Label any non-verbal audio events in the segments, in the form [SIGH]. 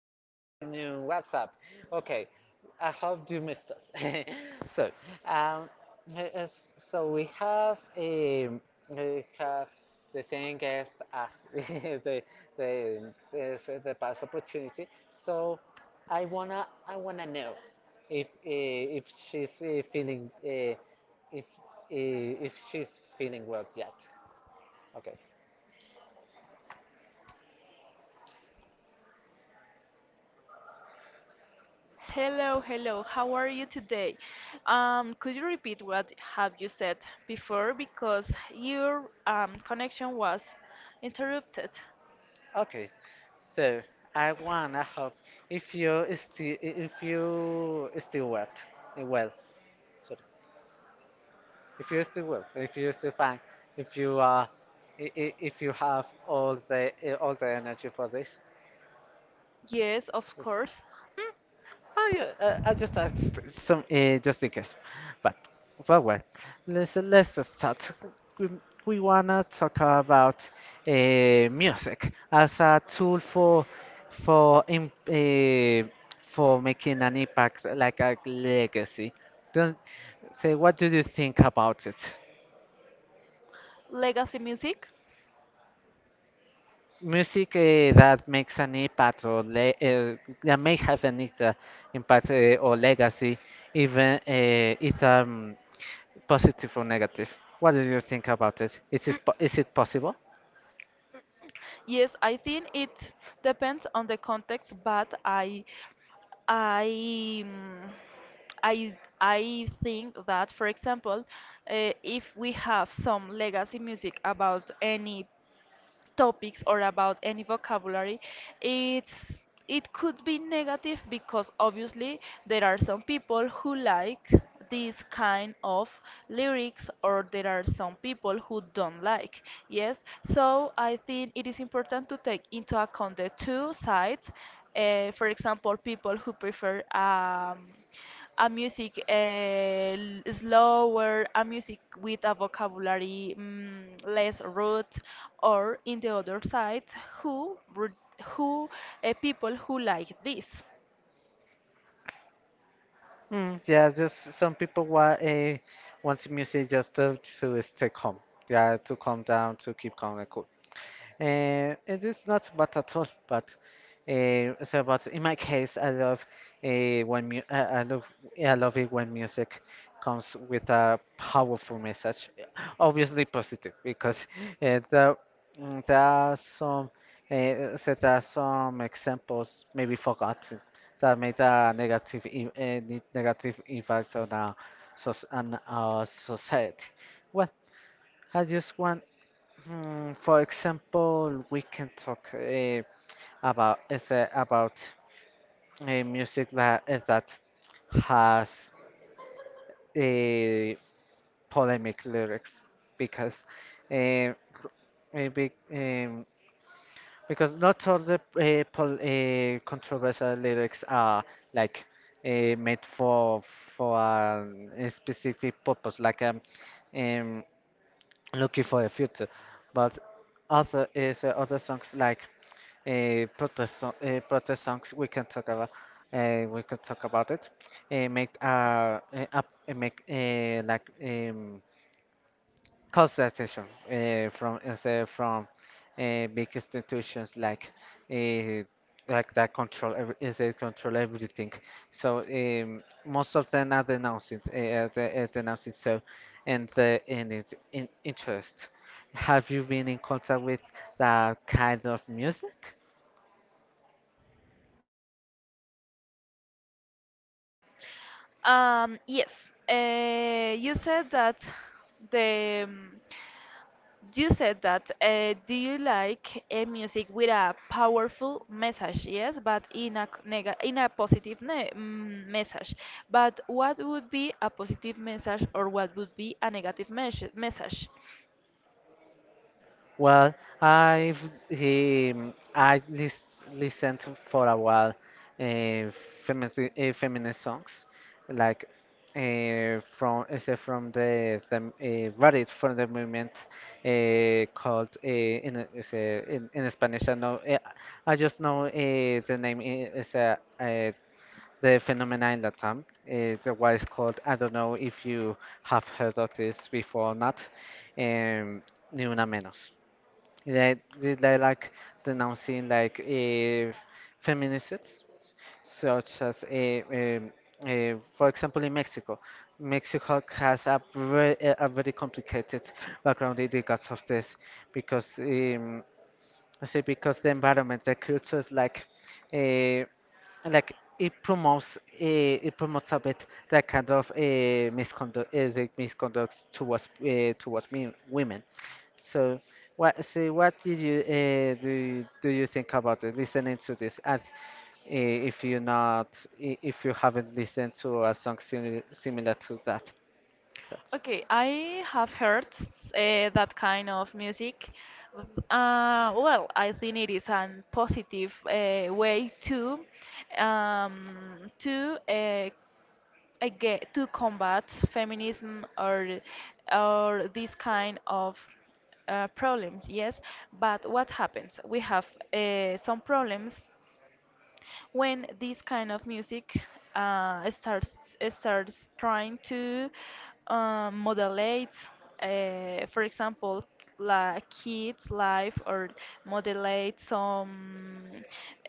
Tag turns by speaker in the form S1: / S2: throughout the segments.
S1: Good afternoon. What's up? Okay, I hope you missed us. [LAUGHS] so, um, uh, so we have the same guest as [LAUGHS] the the is the past opportunity. So, I wanna know if she's feeling if uh, if she's feeling well yet. Okay.
S2: Hello, hello. How are you today? Could you repeat what have you said before because your connection was interrupted?
S1: Okay, so I wanna hope if you still wet well, sorry, if you still well, if you still fine, if you uh, if you have all the energy for this.
S2: Yes, of course.
S1: Oh yeah, I just asked some just in case, but well, let's just start. We, we wanna talk about uh, music as a tool for im for making an impact, like a legacy. Don't say, what do you think about it?
S2: Legacy music?
S1: Music that makes an impact or le that may have an impact or legacy, even it positive or negative. What do you think about it? Is it possible?
S2: Yes, I think it depends on the context, but I mm, I think that, for example, if we have some legacy music about any topics or about any vocabulary it's it could be negative because obviously there are some people who like this kind of lyrics, or there are some people who don't like. Yes, so I think it is important to take into account the two sides. For example, people who prefer a music slower, a music with a vocabulary less root, or in the other side, who re- who people who like this.
S1: Mm, yeah, just some people want a want music just to stay calm. Yeah, to calm down, to keep calm and cool. It is not bad at all, but but in my case, I love uh, when mu I, I love I love it when music comes with a powerful message, obviously positive, because uh, there there are some there are some examples maybe forgotten that made a negative impact on our soc on our society. Well, I just want. Mm, for example, we can talk about music that that has uh, polemic lyrics because uh, maybe because not all the pol controversial lyrics are like uh, made for for a specific purpose, like um looking for a future, but other songs like protest songs we can talk about, we can talk about it, make up make like cause attention from big institutions, uh, like that control every, is they control everything. Most of them are denouncing, denouncing, so and the and its in interest. Have you been in contact with that kind of music?
S2: Yes, you said that the mm, you said that. Do you like a music with a powerful message? Yes, but in a c- nega in a positive message. But what would be a positive message, or what would be a negative message?
S1: Well, I've I listened to for a while uh, feminist songs, like from the varied from the movement called in Spanish. I know, I just know the name is, the phenomena in Latam. The what is called. I don't know if you have heard of this before or not. Um, Ni una menos. Like they like denouncing like feminists, such as um for example, in Mexico. Mexico has a very complicated background in regards of this because, I say because the environment, the culture is like uh, like it promotes, it promotes a bit that kind of misconduct, is it misconduct towards towards me, women. So so what did you, do you think about it, listening to this? And eh, if you're not if you haven't listened to a song similar to that.
S2: Okay, I have heard that kind of music. Well, I think it is a positive way to um, to uh, again to combat feminism or this kind of problems. Yes, but what happens, we have some problems when this kind of music uh, starts starts trying to modulate, for example, la kids life, or modulate some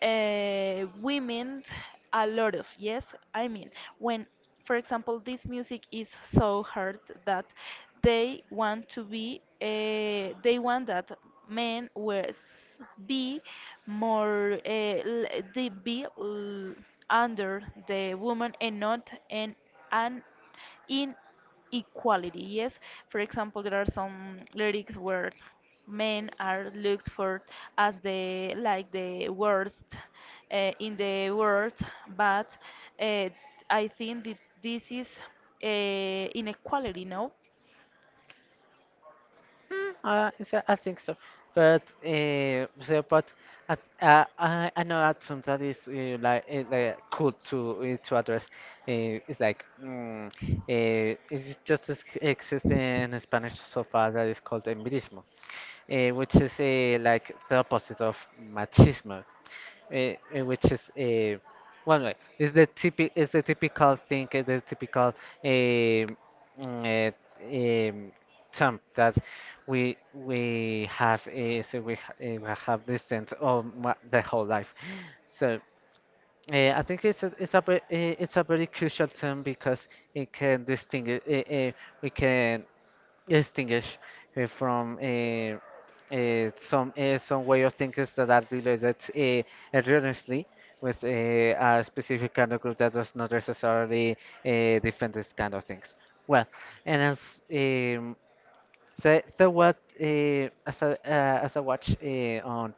S2: women a lot of. Yes, I mean, when, for example, this music is so hard that they want to be, they want that men was be more, they be l- under the woman and not an, an in equality. Yes, for example, there are some lyrics where men are looked for as the like the worst in the world, but uh, I think that this is inequality, no?
S1: Is that? I think so, but but I, I I know that something that is like cool to address. It's like it just exists in Spanish so far that is called empirismo, which is like the opposite of machismo, which is, one way. It's the it's the typical thing, eh, the typical mm, eh, um, term that we have, we have listened all my, the whole life. So, I think it's it's a very crucial term because it can distinguish. We can distinguish from some way of thinkings that are related, erroneously, with a specific kind of group that does not necessarily uh, defend this kind of things. Well, and as, um, the what as a as I watch on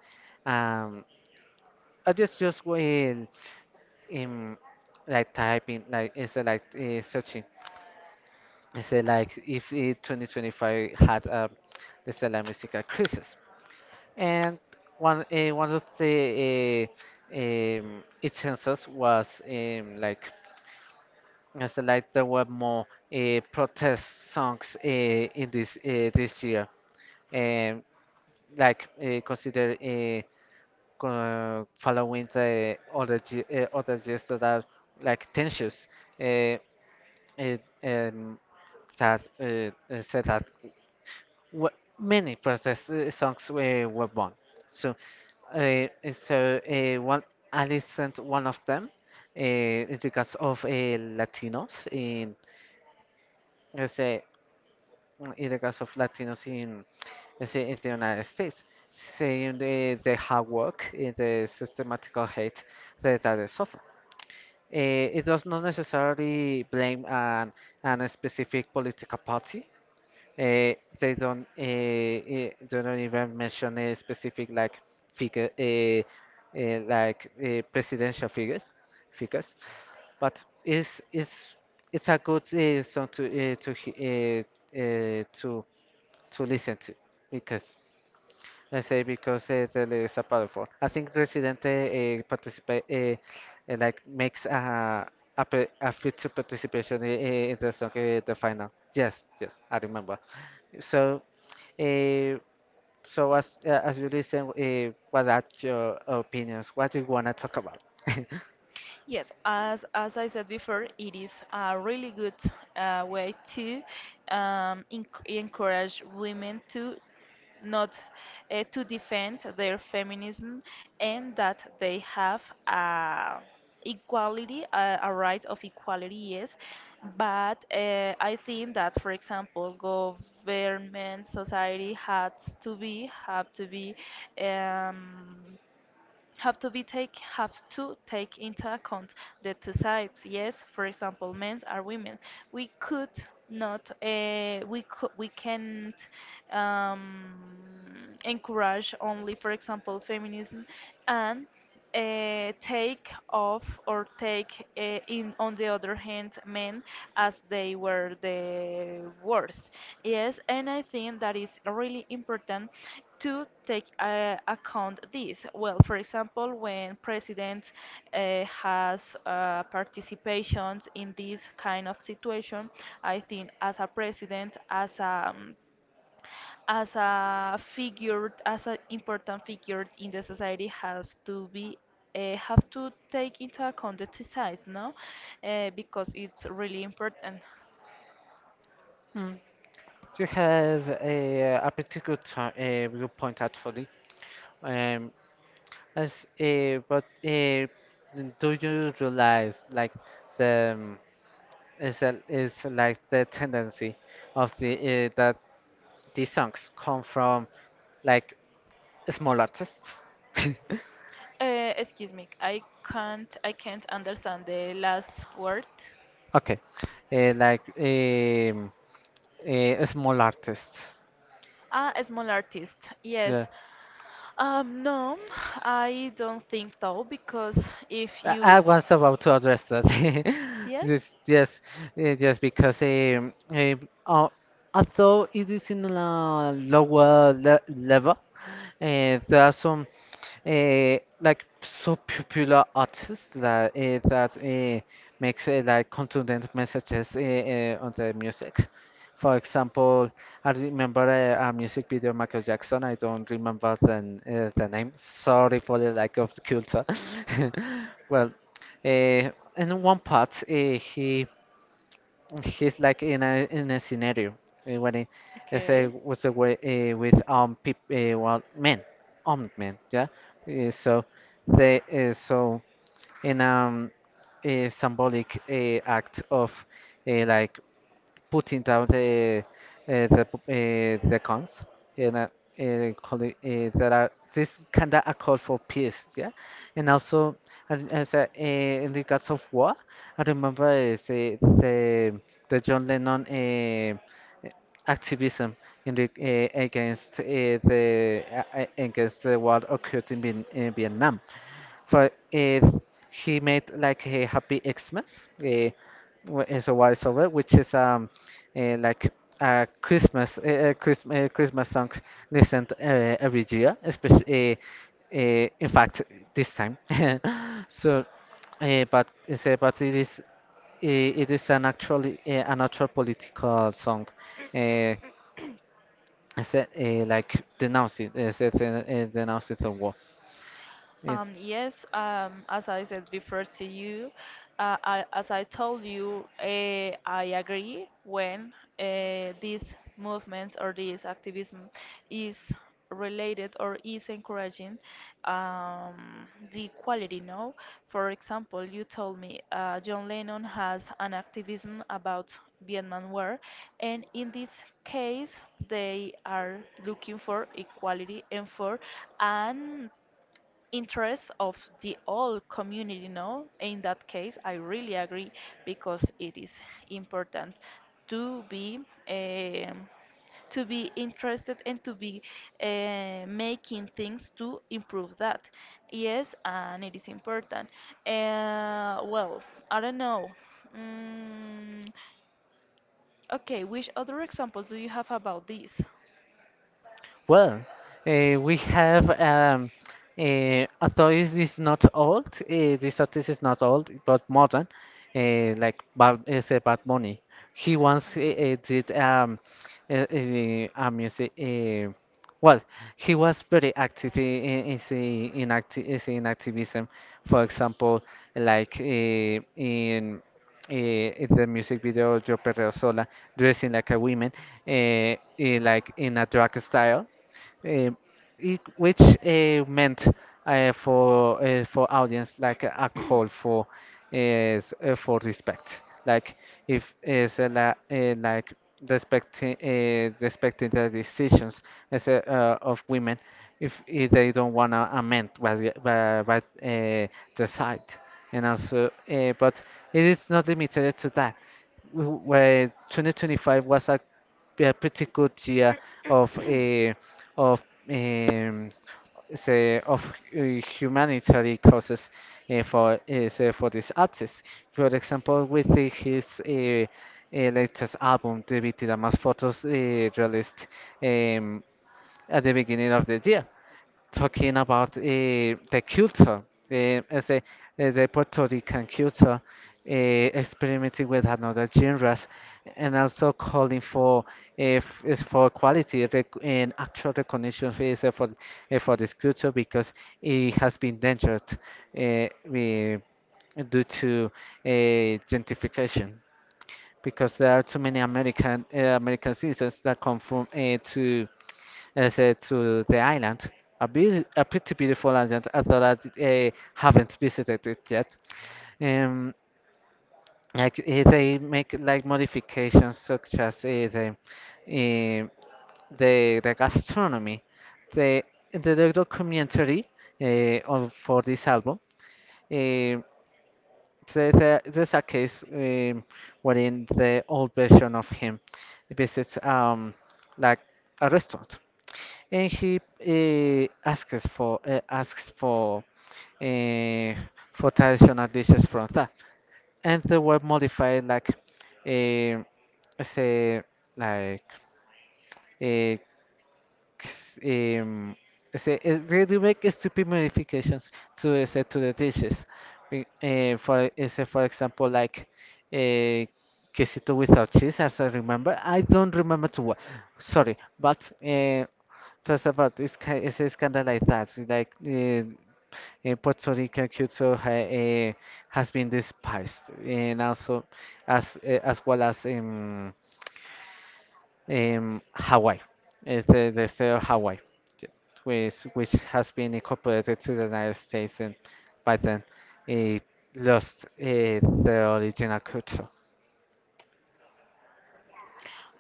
S1: um, I just when, um, like typing, like it's searching, I say, like if it, 2025 had the Stella musical crisis. And one of the, its census was, like as a like there were more protest songs in this year, um, like uh, consider uh, following the other other years that are like tensions, uh, uh, um, that said that many protest songs were born. So, so one I listened one of them. It's because of Latinos in, let's say, in the case of Latinos in, let's say, in the United States, saying the hard work, the systematical hate that they suffer. Uh, it does not necessarily blame an specific political party. uh, they don't, they don't even mention a specific like figure, presidential figures, but it's a good song to uh, uh, to to listen to because, I say because there is a powerful, I think Residente, participate like makes a a future participation in the song, the final yes, yes, I remember. So, uh, as you listen, what are your opinions? What do you wanna talk about?
S2: Yes, as I said before, it is a really good way to encourage women to not to defend their feminism, and that they have equality, a right of equality, yes. But I think that, for example, government, society has to be have to be um, have to be take have to take into account the two sides. Yes, for example, men are women. We could we could we can't um, encourage only, for example, feminism, and take off or take in on the other hand men as they were the worst. Yes, and I think that is really important to take account this. Well, for example, when president has participations in this kind of situation, I think as a president, as a figure, as an important figure in the society, have to take into account the two sides, no? Because it's really important.
S1: Mm. Do you have a particular time, viewpoint actually? Um, as but do you realize like, the is a, is like the tendency of the that these songs come from like small artists? [LAUGHS]
S2: Excuse me, I can't understand the last word.
S1: Okay, uh, like um, small artists.
S2: Ah, a small artist.
S1: Yeah,
S2: Yes. No, I don't think so because if you
S1: I was about to address that. [LAUGHS]
S2: yes,
S1: Yes, yes, yes, because, although it is in a lower le level, uh, there are some so popular artists that, makes like content messages on the music. For example, I remember a music video, Michael Jackson. I don't remember the name. Sorry for the lack of culture. [LAUGHS] Well, uh, in one part, he's like in a scenario, eh, when he, I say,
S2: okay.
S1: was the way with well men, armed men, yeah. Eh, so they so In a symbolic act of, uh, like putting down the, the cons, and calling, that are this kind of a call for peace, yeah. And also, and as a, in regards of war, I remember, the John Lennon activism in against the against the war occurred in, in Vietnam. For if he made like a Happy Xmas, is a wise over, which is uh, like a Christmas, Christmas songs listened every year, especially, in fact, this time. [LAUGHS] So, but it is an actual political song. Uh, I said, like denouncing, denouncing the war. Uh,
S2: Yes, as I said before to you, as I told you, I agree when these movements or this activism is related or is encouraging the equality. No, for example, you told me John Lennon has an activism about Vietnam War, and in this case, they are looking for equality and for an interest of the whole community, no? In that case I really agree because it is important to be um, to be interested and to be making things to improve that. Yes, and it is important, well, I don't know. mm, okay, which other examples do you have about this?
S1: Well, we have, although it is not old, this artist is not old but modern, like Bad, is a Bad Bunny. He once, did, uh, uh, a music. Well, he was very active in activism. For example, like uh, in in the music video Yo Perreo Sola, dressing like a woman, like in a drag style, eh, which meant for audience like a call for, for respect, like if is la, like respecting, respecting the decisions as a, of women, if they don't wanna amend what what decide. And also, but it is not limited to that. Where 2025 was a pretty good year of, of um, say of uh, humanitarian causes, for this artist. For example, with his, latest album, the Vitira Más Fotos, released, um, at the beginning of the year, talking about the culture, eh, as a, the Puerto Rican culture, experimenting with another genres, and also calling for, if is for quality rec and actual recognition for for this culture because it has been endangered, uh, we- due to uh, gentrification. Because there are too many American American citizens that come from to I said to the island, a pretty beautiful island. I thought I haven't visited it yet. Um, like they make like modifications such as eh, the gastronomy, the the documentary for this album. eh, there's a case wherein the old version of him visits, like, a restaurant, and he asks uh, for traditional dishes from that, and they were modified like, uh, say like uh, um, they do make stupid modifications to, say to the dishes. Say, for example, like, uh, quesito without cheese, as I remember. I don't remember to what. Sorry, but. First of all, it's kind of like that. Like Puerto Rican culture has been despised, and also as well as Hawaii, it's the state of Hawaii, j- which has been incorporated to the United States, and by then uh, lost the original culture.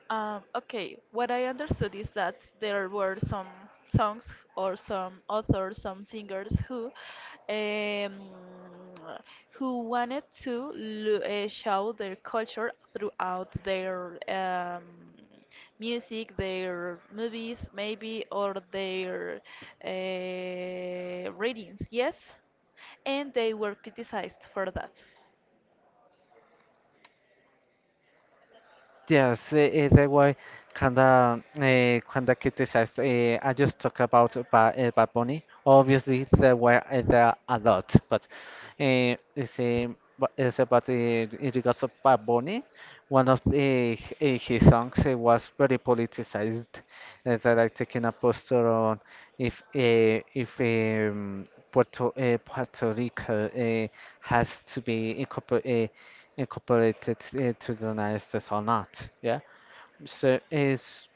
S2: Okay, what I understood is that there were some songs or some authors, some singers um, who wanted to show their culture throughout their music, their movies, maybe, or their readings. Yes, and they were criticized for that.
S1: Yes, that way, kinda criticized. I just talk about Bad Bunny. Obviously, there are a lot, but eh, it's eh, but it's about, in regards of Bad Bunny, one of the his songs was very politicized. They like taking a posture on if, Puerto Rico has to be incorporated into the United States or not. Yeah. So is,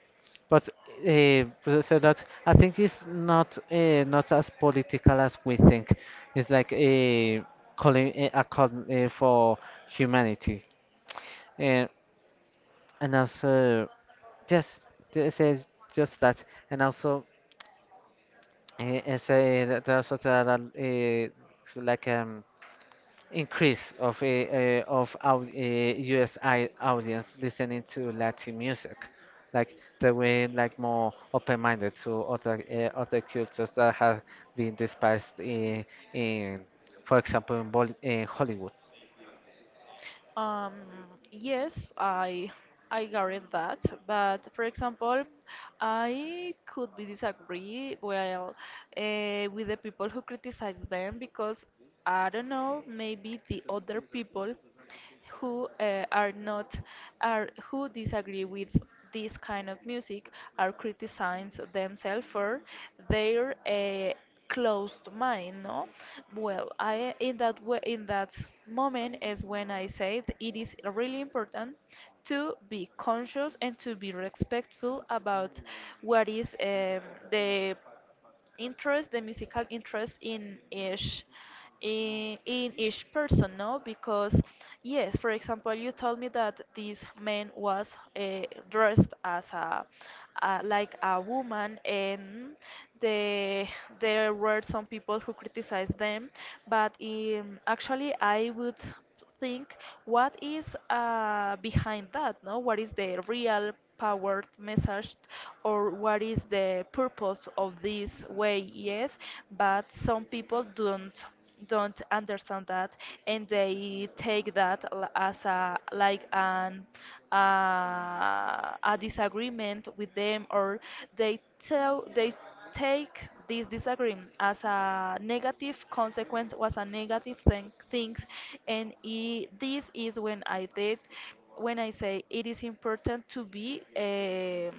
S1: but, uh, so that, I think it's not as political as we think. It's like a a call for humanity, and and also, yes, just eh, just that, and also say that there also there are, like, increase of our US I audience listening to Latin music, like they were like more open-minded to other other cultures that have been despised in, for example, in Hollywood.
S2: Um, yes, I guarantee that. But for example, I could be disagree well with the people who criticize them because I don't know, maybe the other people who are not are who disagree with this kind of music are criticized themselves for their closed mind, no? Well, I in that way, in that moment is when I said it is really important to be conscious and to be respectful about what is the interest, the musical interest in each in each person, no? Because yes, for example, you told me that this man was uh, dressed as a like a woman, and the, there were some people who criticized them, but actually I would think what is behind that, no? What is the real powered message or what is the purpose of this way? Yes, but some people don't understand that, and they take that as a like an a disagreement with them, or they tell they take this disagreement as a negative consequence was a negative thing things. And I, this is when I did, when I say it is important um,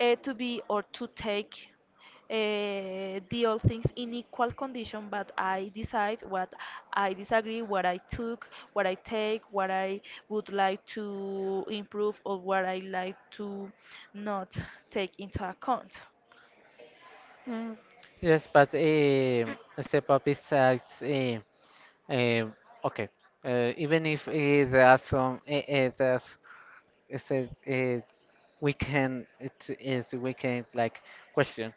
S2: uh, to be or to take the all things in equal condition, but I decide what I disagree, what I took, what I take, what I would like to improve, or what I like to not take into account.
S1: Mm. Yes, but step up besides, um, okay. Even if there are some there's, uh, we can, it is, we can like question,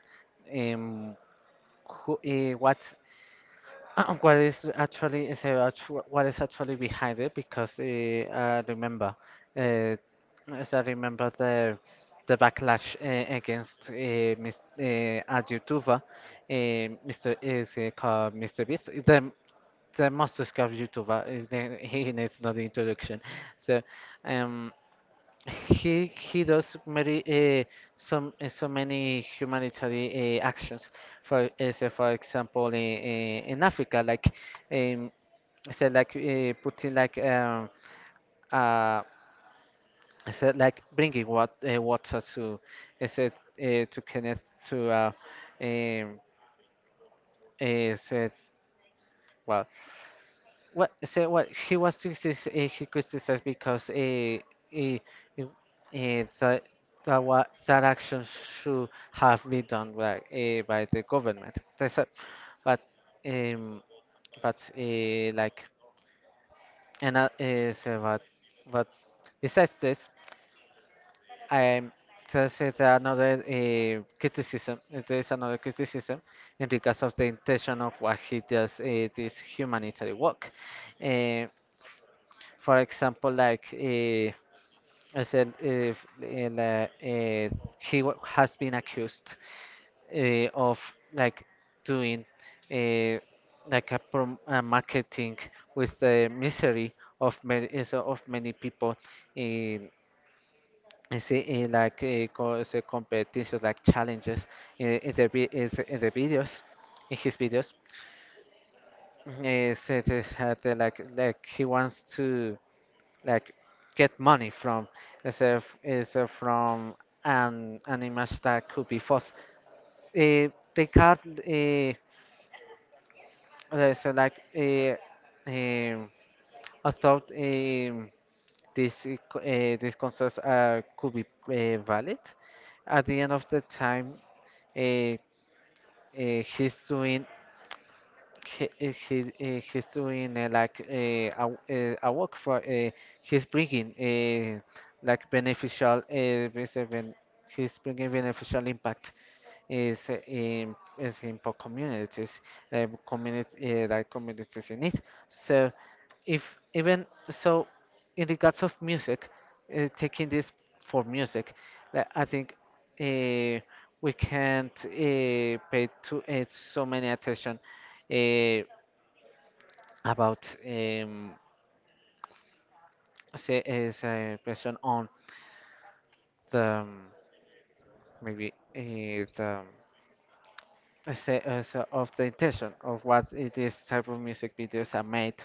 S1: um who, what [CLEARS THROAT] what is actually behind it, because I remember uh, as I remember the backlash against, a YouTuber, Mr is called Mr Beast, the most discovered YouTuber, [LAUGHS] he needs no introduction. So, um he does many, some so many humanitarian actions for, say for example, in, in Africa, like, um say like putting, like, uh say like bringing water to, to connect to, um say, well What, so what he was criticized, he criticized because, uh, uh, uh, that that what that action should have been done by, by the government. That's a, but, um but like and so what, besides this, um there's there is another criticism in regards of the intention of what he does, this humanitarian work. Uh, for example, I said, if in, he has been accused of, like, doing, uh, a marketing with the misery of many people in, is it in like co- is competitions, like challenges in the vi- is in the videos, in his videos. Mhm. is it is had like He wants to, like, get money from, is if is from an image that could be false. Uh, they got, uh, so like uh, um, I thought, this, these concerts could be valid. At the end of the time, uh, uh, he's doing he's doing, a work for, he's bringing, beneficial, he's bringing beneficial impact is in is in poor communities, community like communities in it. So if, even so, in regards of music, taking this for music, that, I think, uh, we can't, pay to so many attention uh, about, say, as a person on the, maybe the as a, of the intention of what it is, type of music videos are made.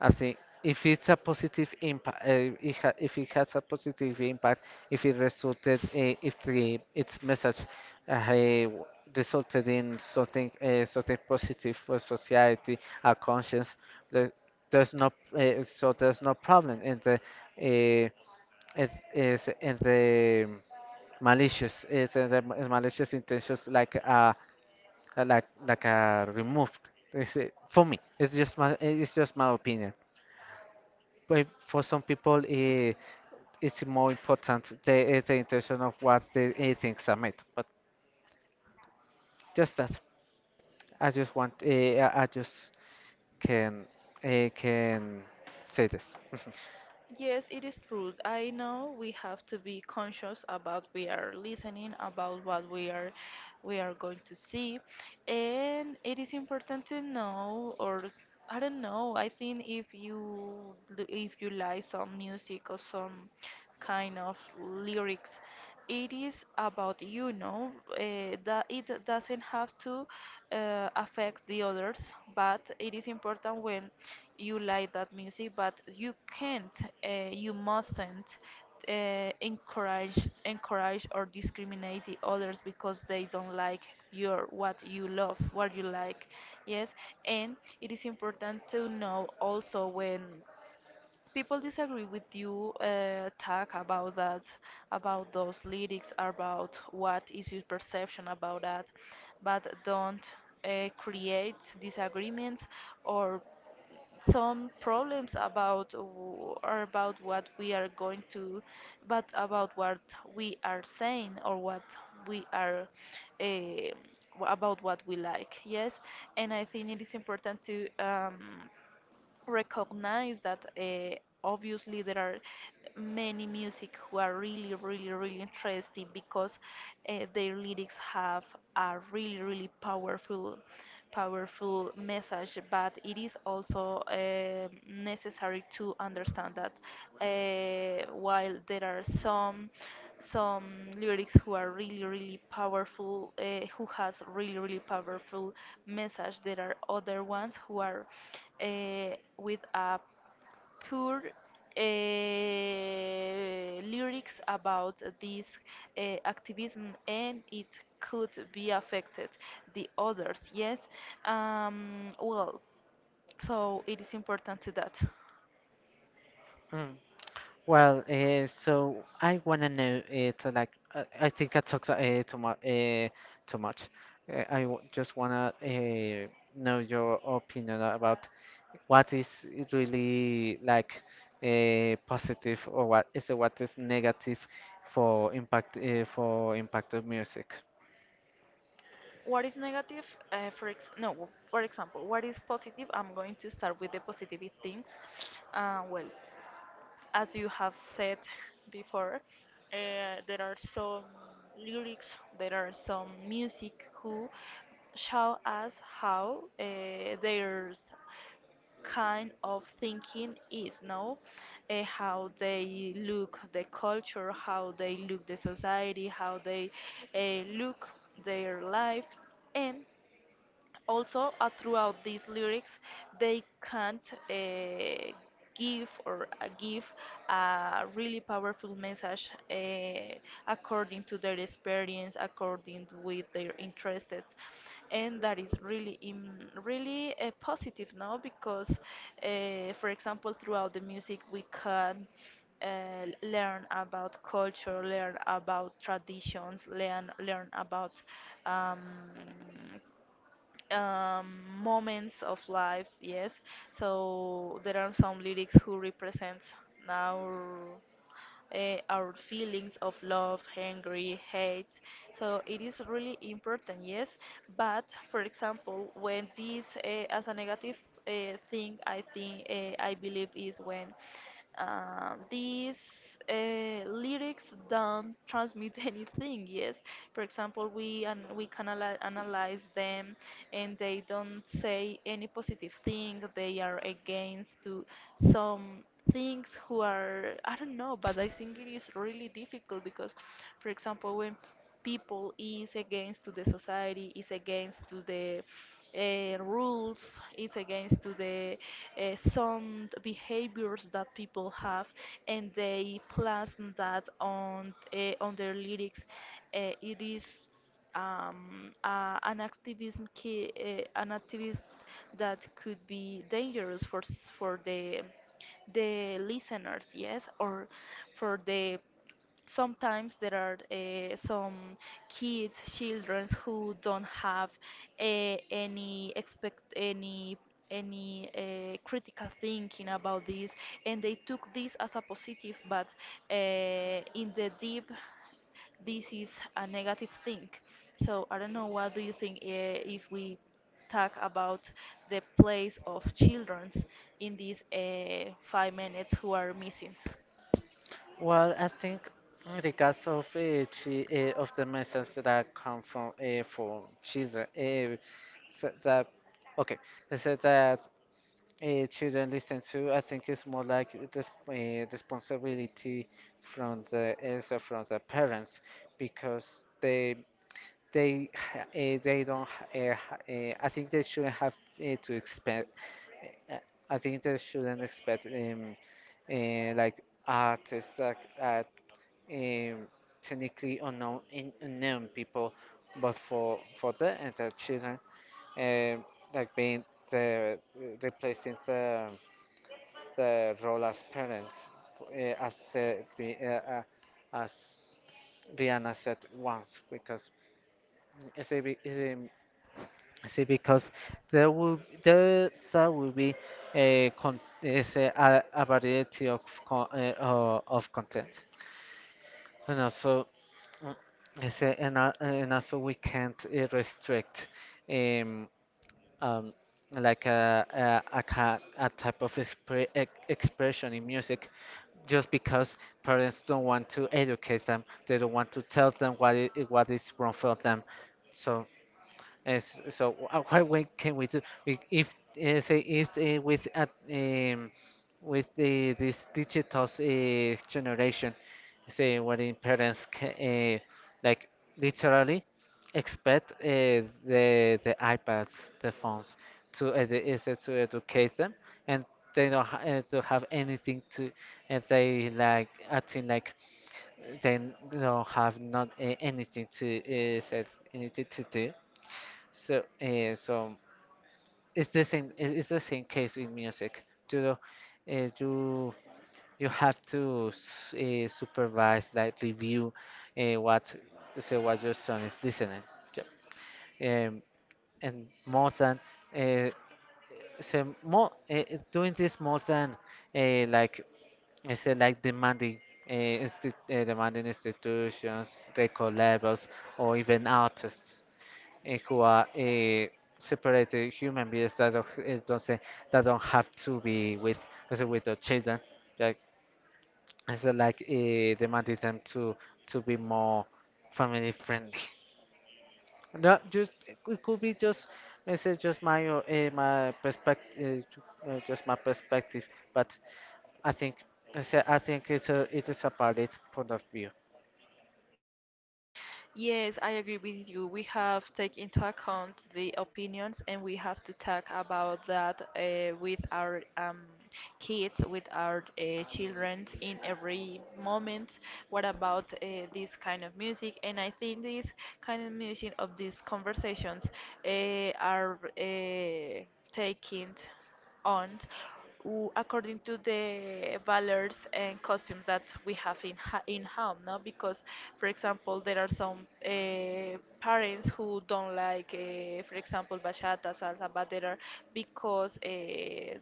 S1: I think if it's a positive impact, if it has a positive impact, if it resulted, if the its message, uh, eh, w- resulted in something, something positive for society, our conscience, the, there's no, there's no problem in the, uh, it is in the malicious is in the malicious intentions, removed. It's, for me, it's just my opinion. But for some people, it, it's more important the, the intention of what the, things are made. But just that, I just can, can say this.
S2: Yes, it is true. I know we have to be conscious about we are listening, about what we are going to see, and it is important to know, or I don't know. I think if you, if you like some music or some kind of lyrics, it is about you know that it doesn't have to affect the others, but it is important when you like that music, but you can't, you mustn't encourage or discriminate the others because they don't like your, what you love, what you like. Yes, and it is important to know also when people disagree with you, talk about that, about those lyrics, about what is your perception about that, but don't create disagreements or some problems about or about what we are going to, but about what we are saying, or what we are about what we like. Yes, and I think it is important to recognize that obviously there are many music who are really really really interesting because their lyrics have a really really powerful message, but it is also necessary to understand that while there are some lyrics who are really really powerful, who has really really powerful message, there are other ones who are uh, with a poor lyrics about this activism, and it could be affected the others. Yes, well, so it is important to that.
S1: Mm. Well, so I wanna know it, I think I talked, too much. I w just wanna, know your opinion about what is really, like, positive, or what is, what is negative for impact, for impact of music?
S2: What is negative? For ex no, For example, what is positive? I'm going to start with the positive things. Well, as you have said before, there are some lyrics, there are some music who show us how their kind of thinking is, no? How they look the culture, how they look the society, how they look their life, and also throughout these lyrics they can't give a really powerful message according to their experience, according with their interests, and that is really really positive now because for example throughout the music we can learn about culture, learn about traditions, learn about um, um, moments of lives, yes. So there are some lyrics who represents now our feelings of love, hungry, hate. So it is really important, yes. But for example, when this as a negative thing, I think I believe is when these lyrics don't transmit [LAUGHS] anything. Yes, for example, we and we can analyze them, and they don't say any positive thing. They are against to some things who are I don't know, but I think it is really difficult because for example when people is against to the society, is against to the rules, is against to the sound behaviors that people have, and they plasm that on their lyrics, it is an activist that could be dangerous for for the listeners, yes, or for the sometimes there are some kids, children who don't have any expect any critical thinking about this, and they took this as a positive, but uh, in the deep, this is a negative thing. So I don't know. What do you think if we talk about the place of children in these 5 minutes who are missing?
S1: Well, I think in the case of, of the messages that come from, from children, so that, okay, they said that, children listen to. I think it's more like this, responsibility from the, also from the parents, because they they ha- eh, they don't ha- eh, I think they shouldn't have, to expect, eh, I think they shouldn't expect, like artists that are, um, technically unknown, unknown people, but for them and their children, um, like being the, replacing the role as parents, uh, as uh, the uh, uh, as Rihanna said once, because it's a big, See, because there will, there that will be a con is a variety of content, and also, mm, and also we can't, restrict, um um like a a type of expression in music, just because parents don't want to educate them, they don't want to tell them what is wrong for them, so. Yes, so [LAUGHS] what way can we do, if, say if with, at with the this digital generation, say, what, in parents can, like, literally expect, the iPads, the phones to educate them, and they don't ha to have anything to, and they like acting like they don't have, not anything to, said anything to do. So, so It's the same case in music. You know, you, you have to, supervise, like review, what, so what your son is listening. Yep. Um, and more than, uh, more, doing this, more than, uh, like I said, like, demanding. Uh, insti- uh, demanding institutions, record labels, or even artists, who are, separated human beings that, don't, that don't have to be with, also with the children. Like, it's, demanding them to be more family friendly. No, just, it could be just, it's, just my my perspective, just my perspective. But I think, I think it's a, it is a valid point of view.
S2: Yes, I agree with you. We have take into account the opinions, and we have to talk about that with our kids, with our children in every moment. What about this kind of music? And I think this kind of music of these conversations are taking on according to the valors and costumes that we have in in home, no? Because for example there are some parents who don't like, for example, bachata salsa, but there are because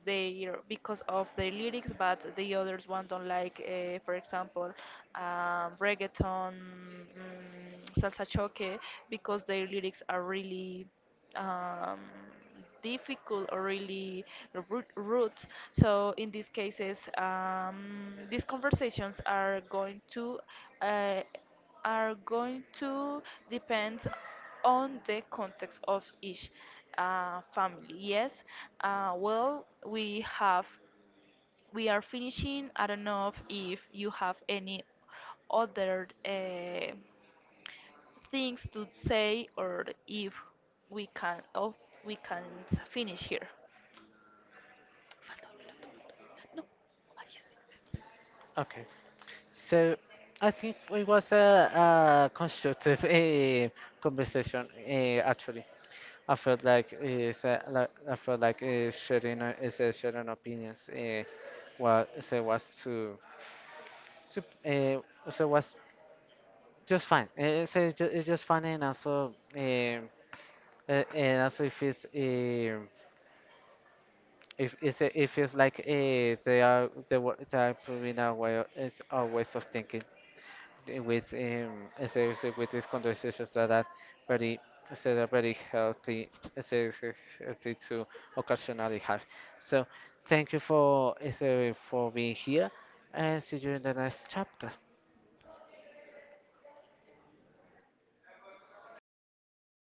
S2: they because of the lyrics, but the others one don't like, for example, reggaeton, salsa choque, because their lyrics are really um, difficult or really rude. So in these cases, these conversations are going to uh, are going to depend on the context of each family. Yes, well, we have, we are finishing. I don't know if you have any other things to say, or if we can, or we can finish here. Falta un minuto, falta un minuto. No, ahí sí.
S1: Okay. So I think it was a constructive, conversation. Actually, I felt like, sharing opinions. What so was to so was just fine. So it's just fine, and also, and also, if it's, if it's, it feels like, they are improving our way of, is our ways of thinking. Eh, with, as I said, with these conversations that are very, that are very healthy, as I said, healthy to occasionally have. So thank you for, for being here, and see you in the next chapter.
S2: Thank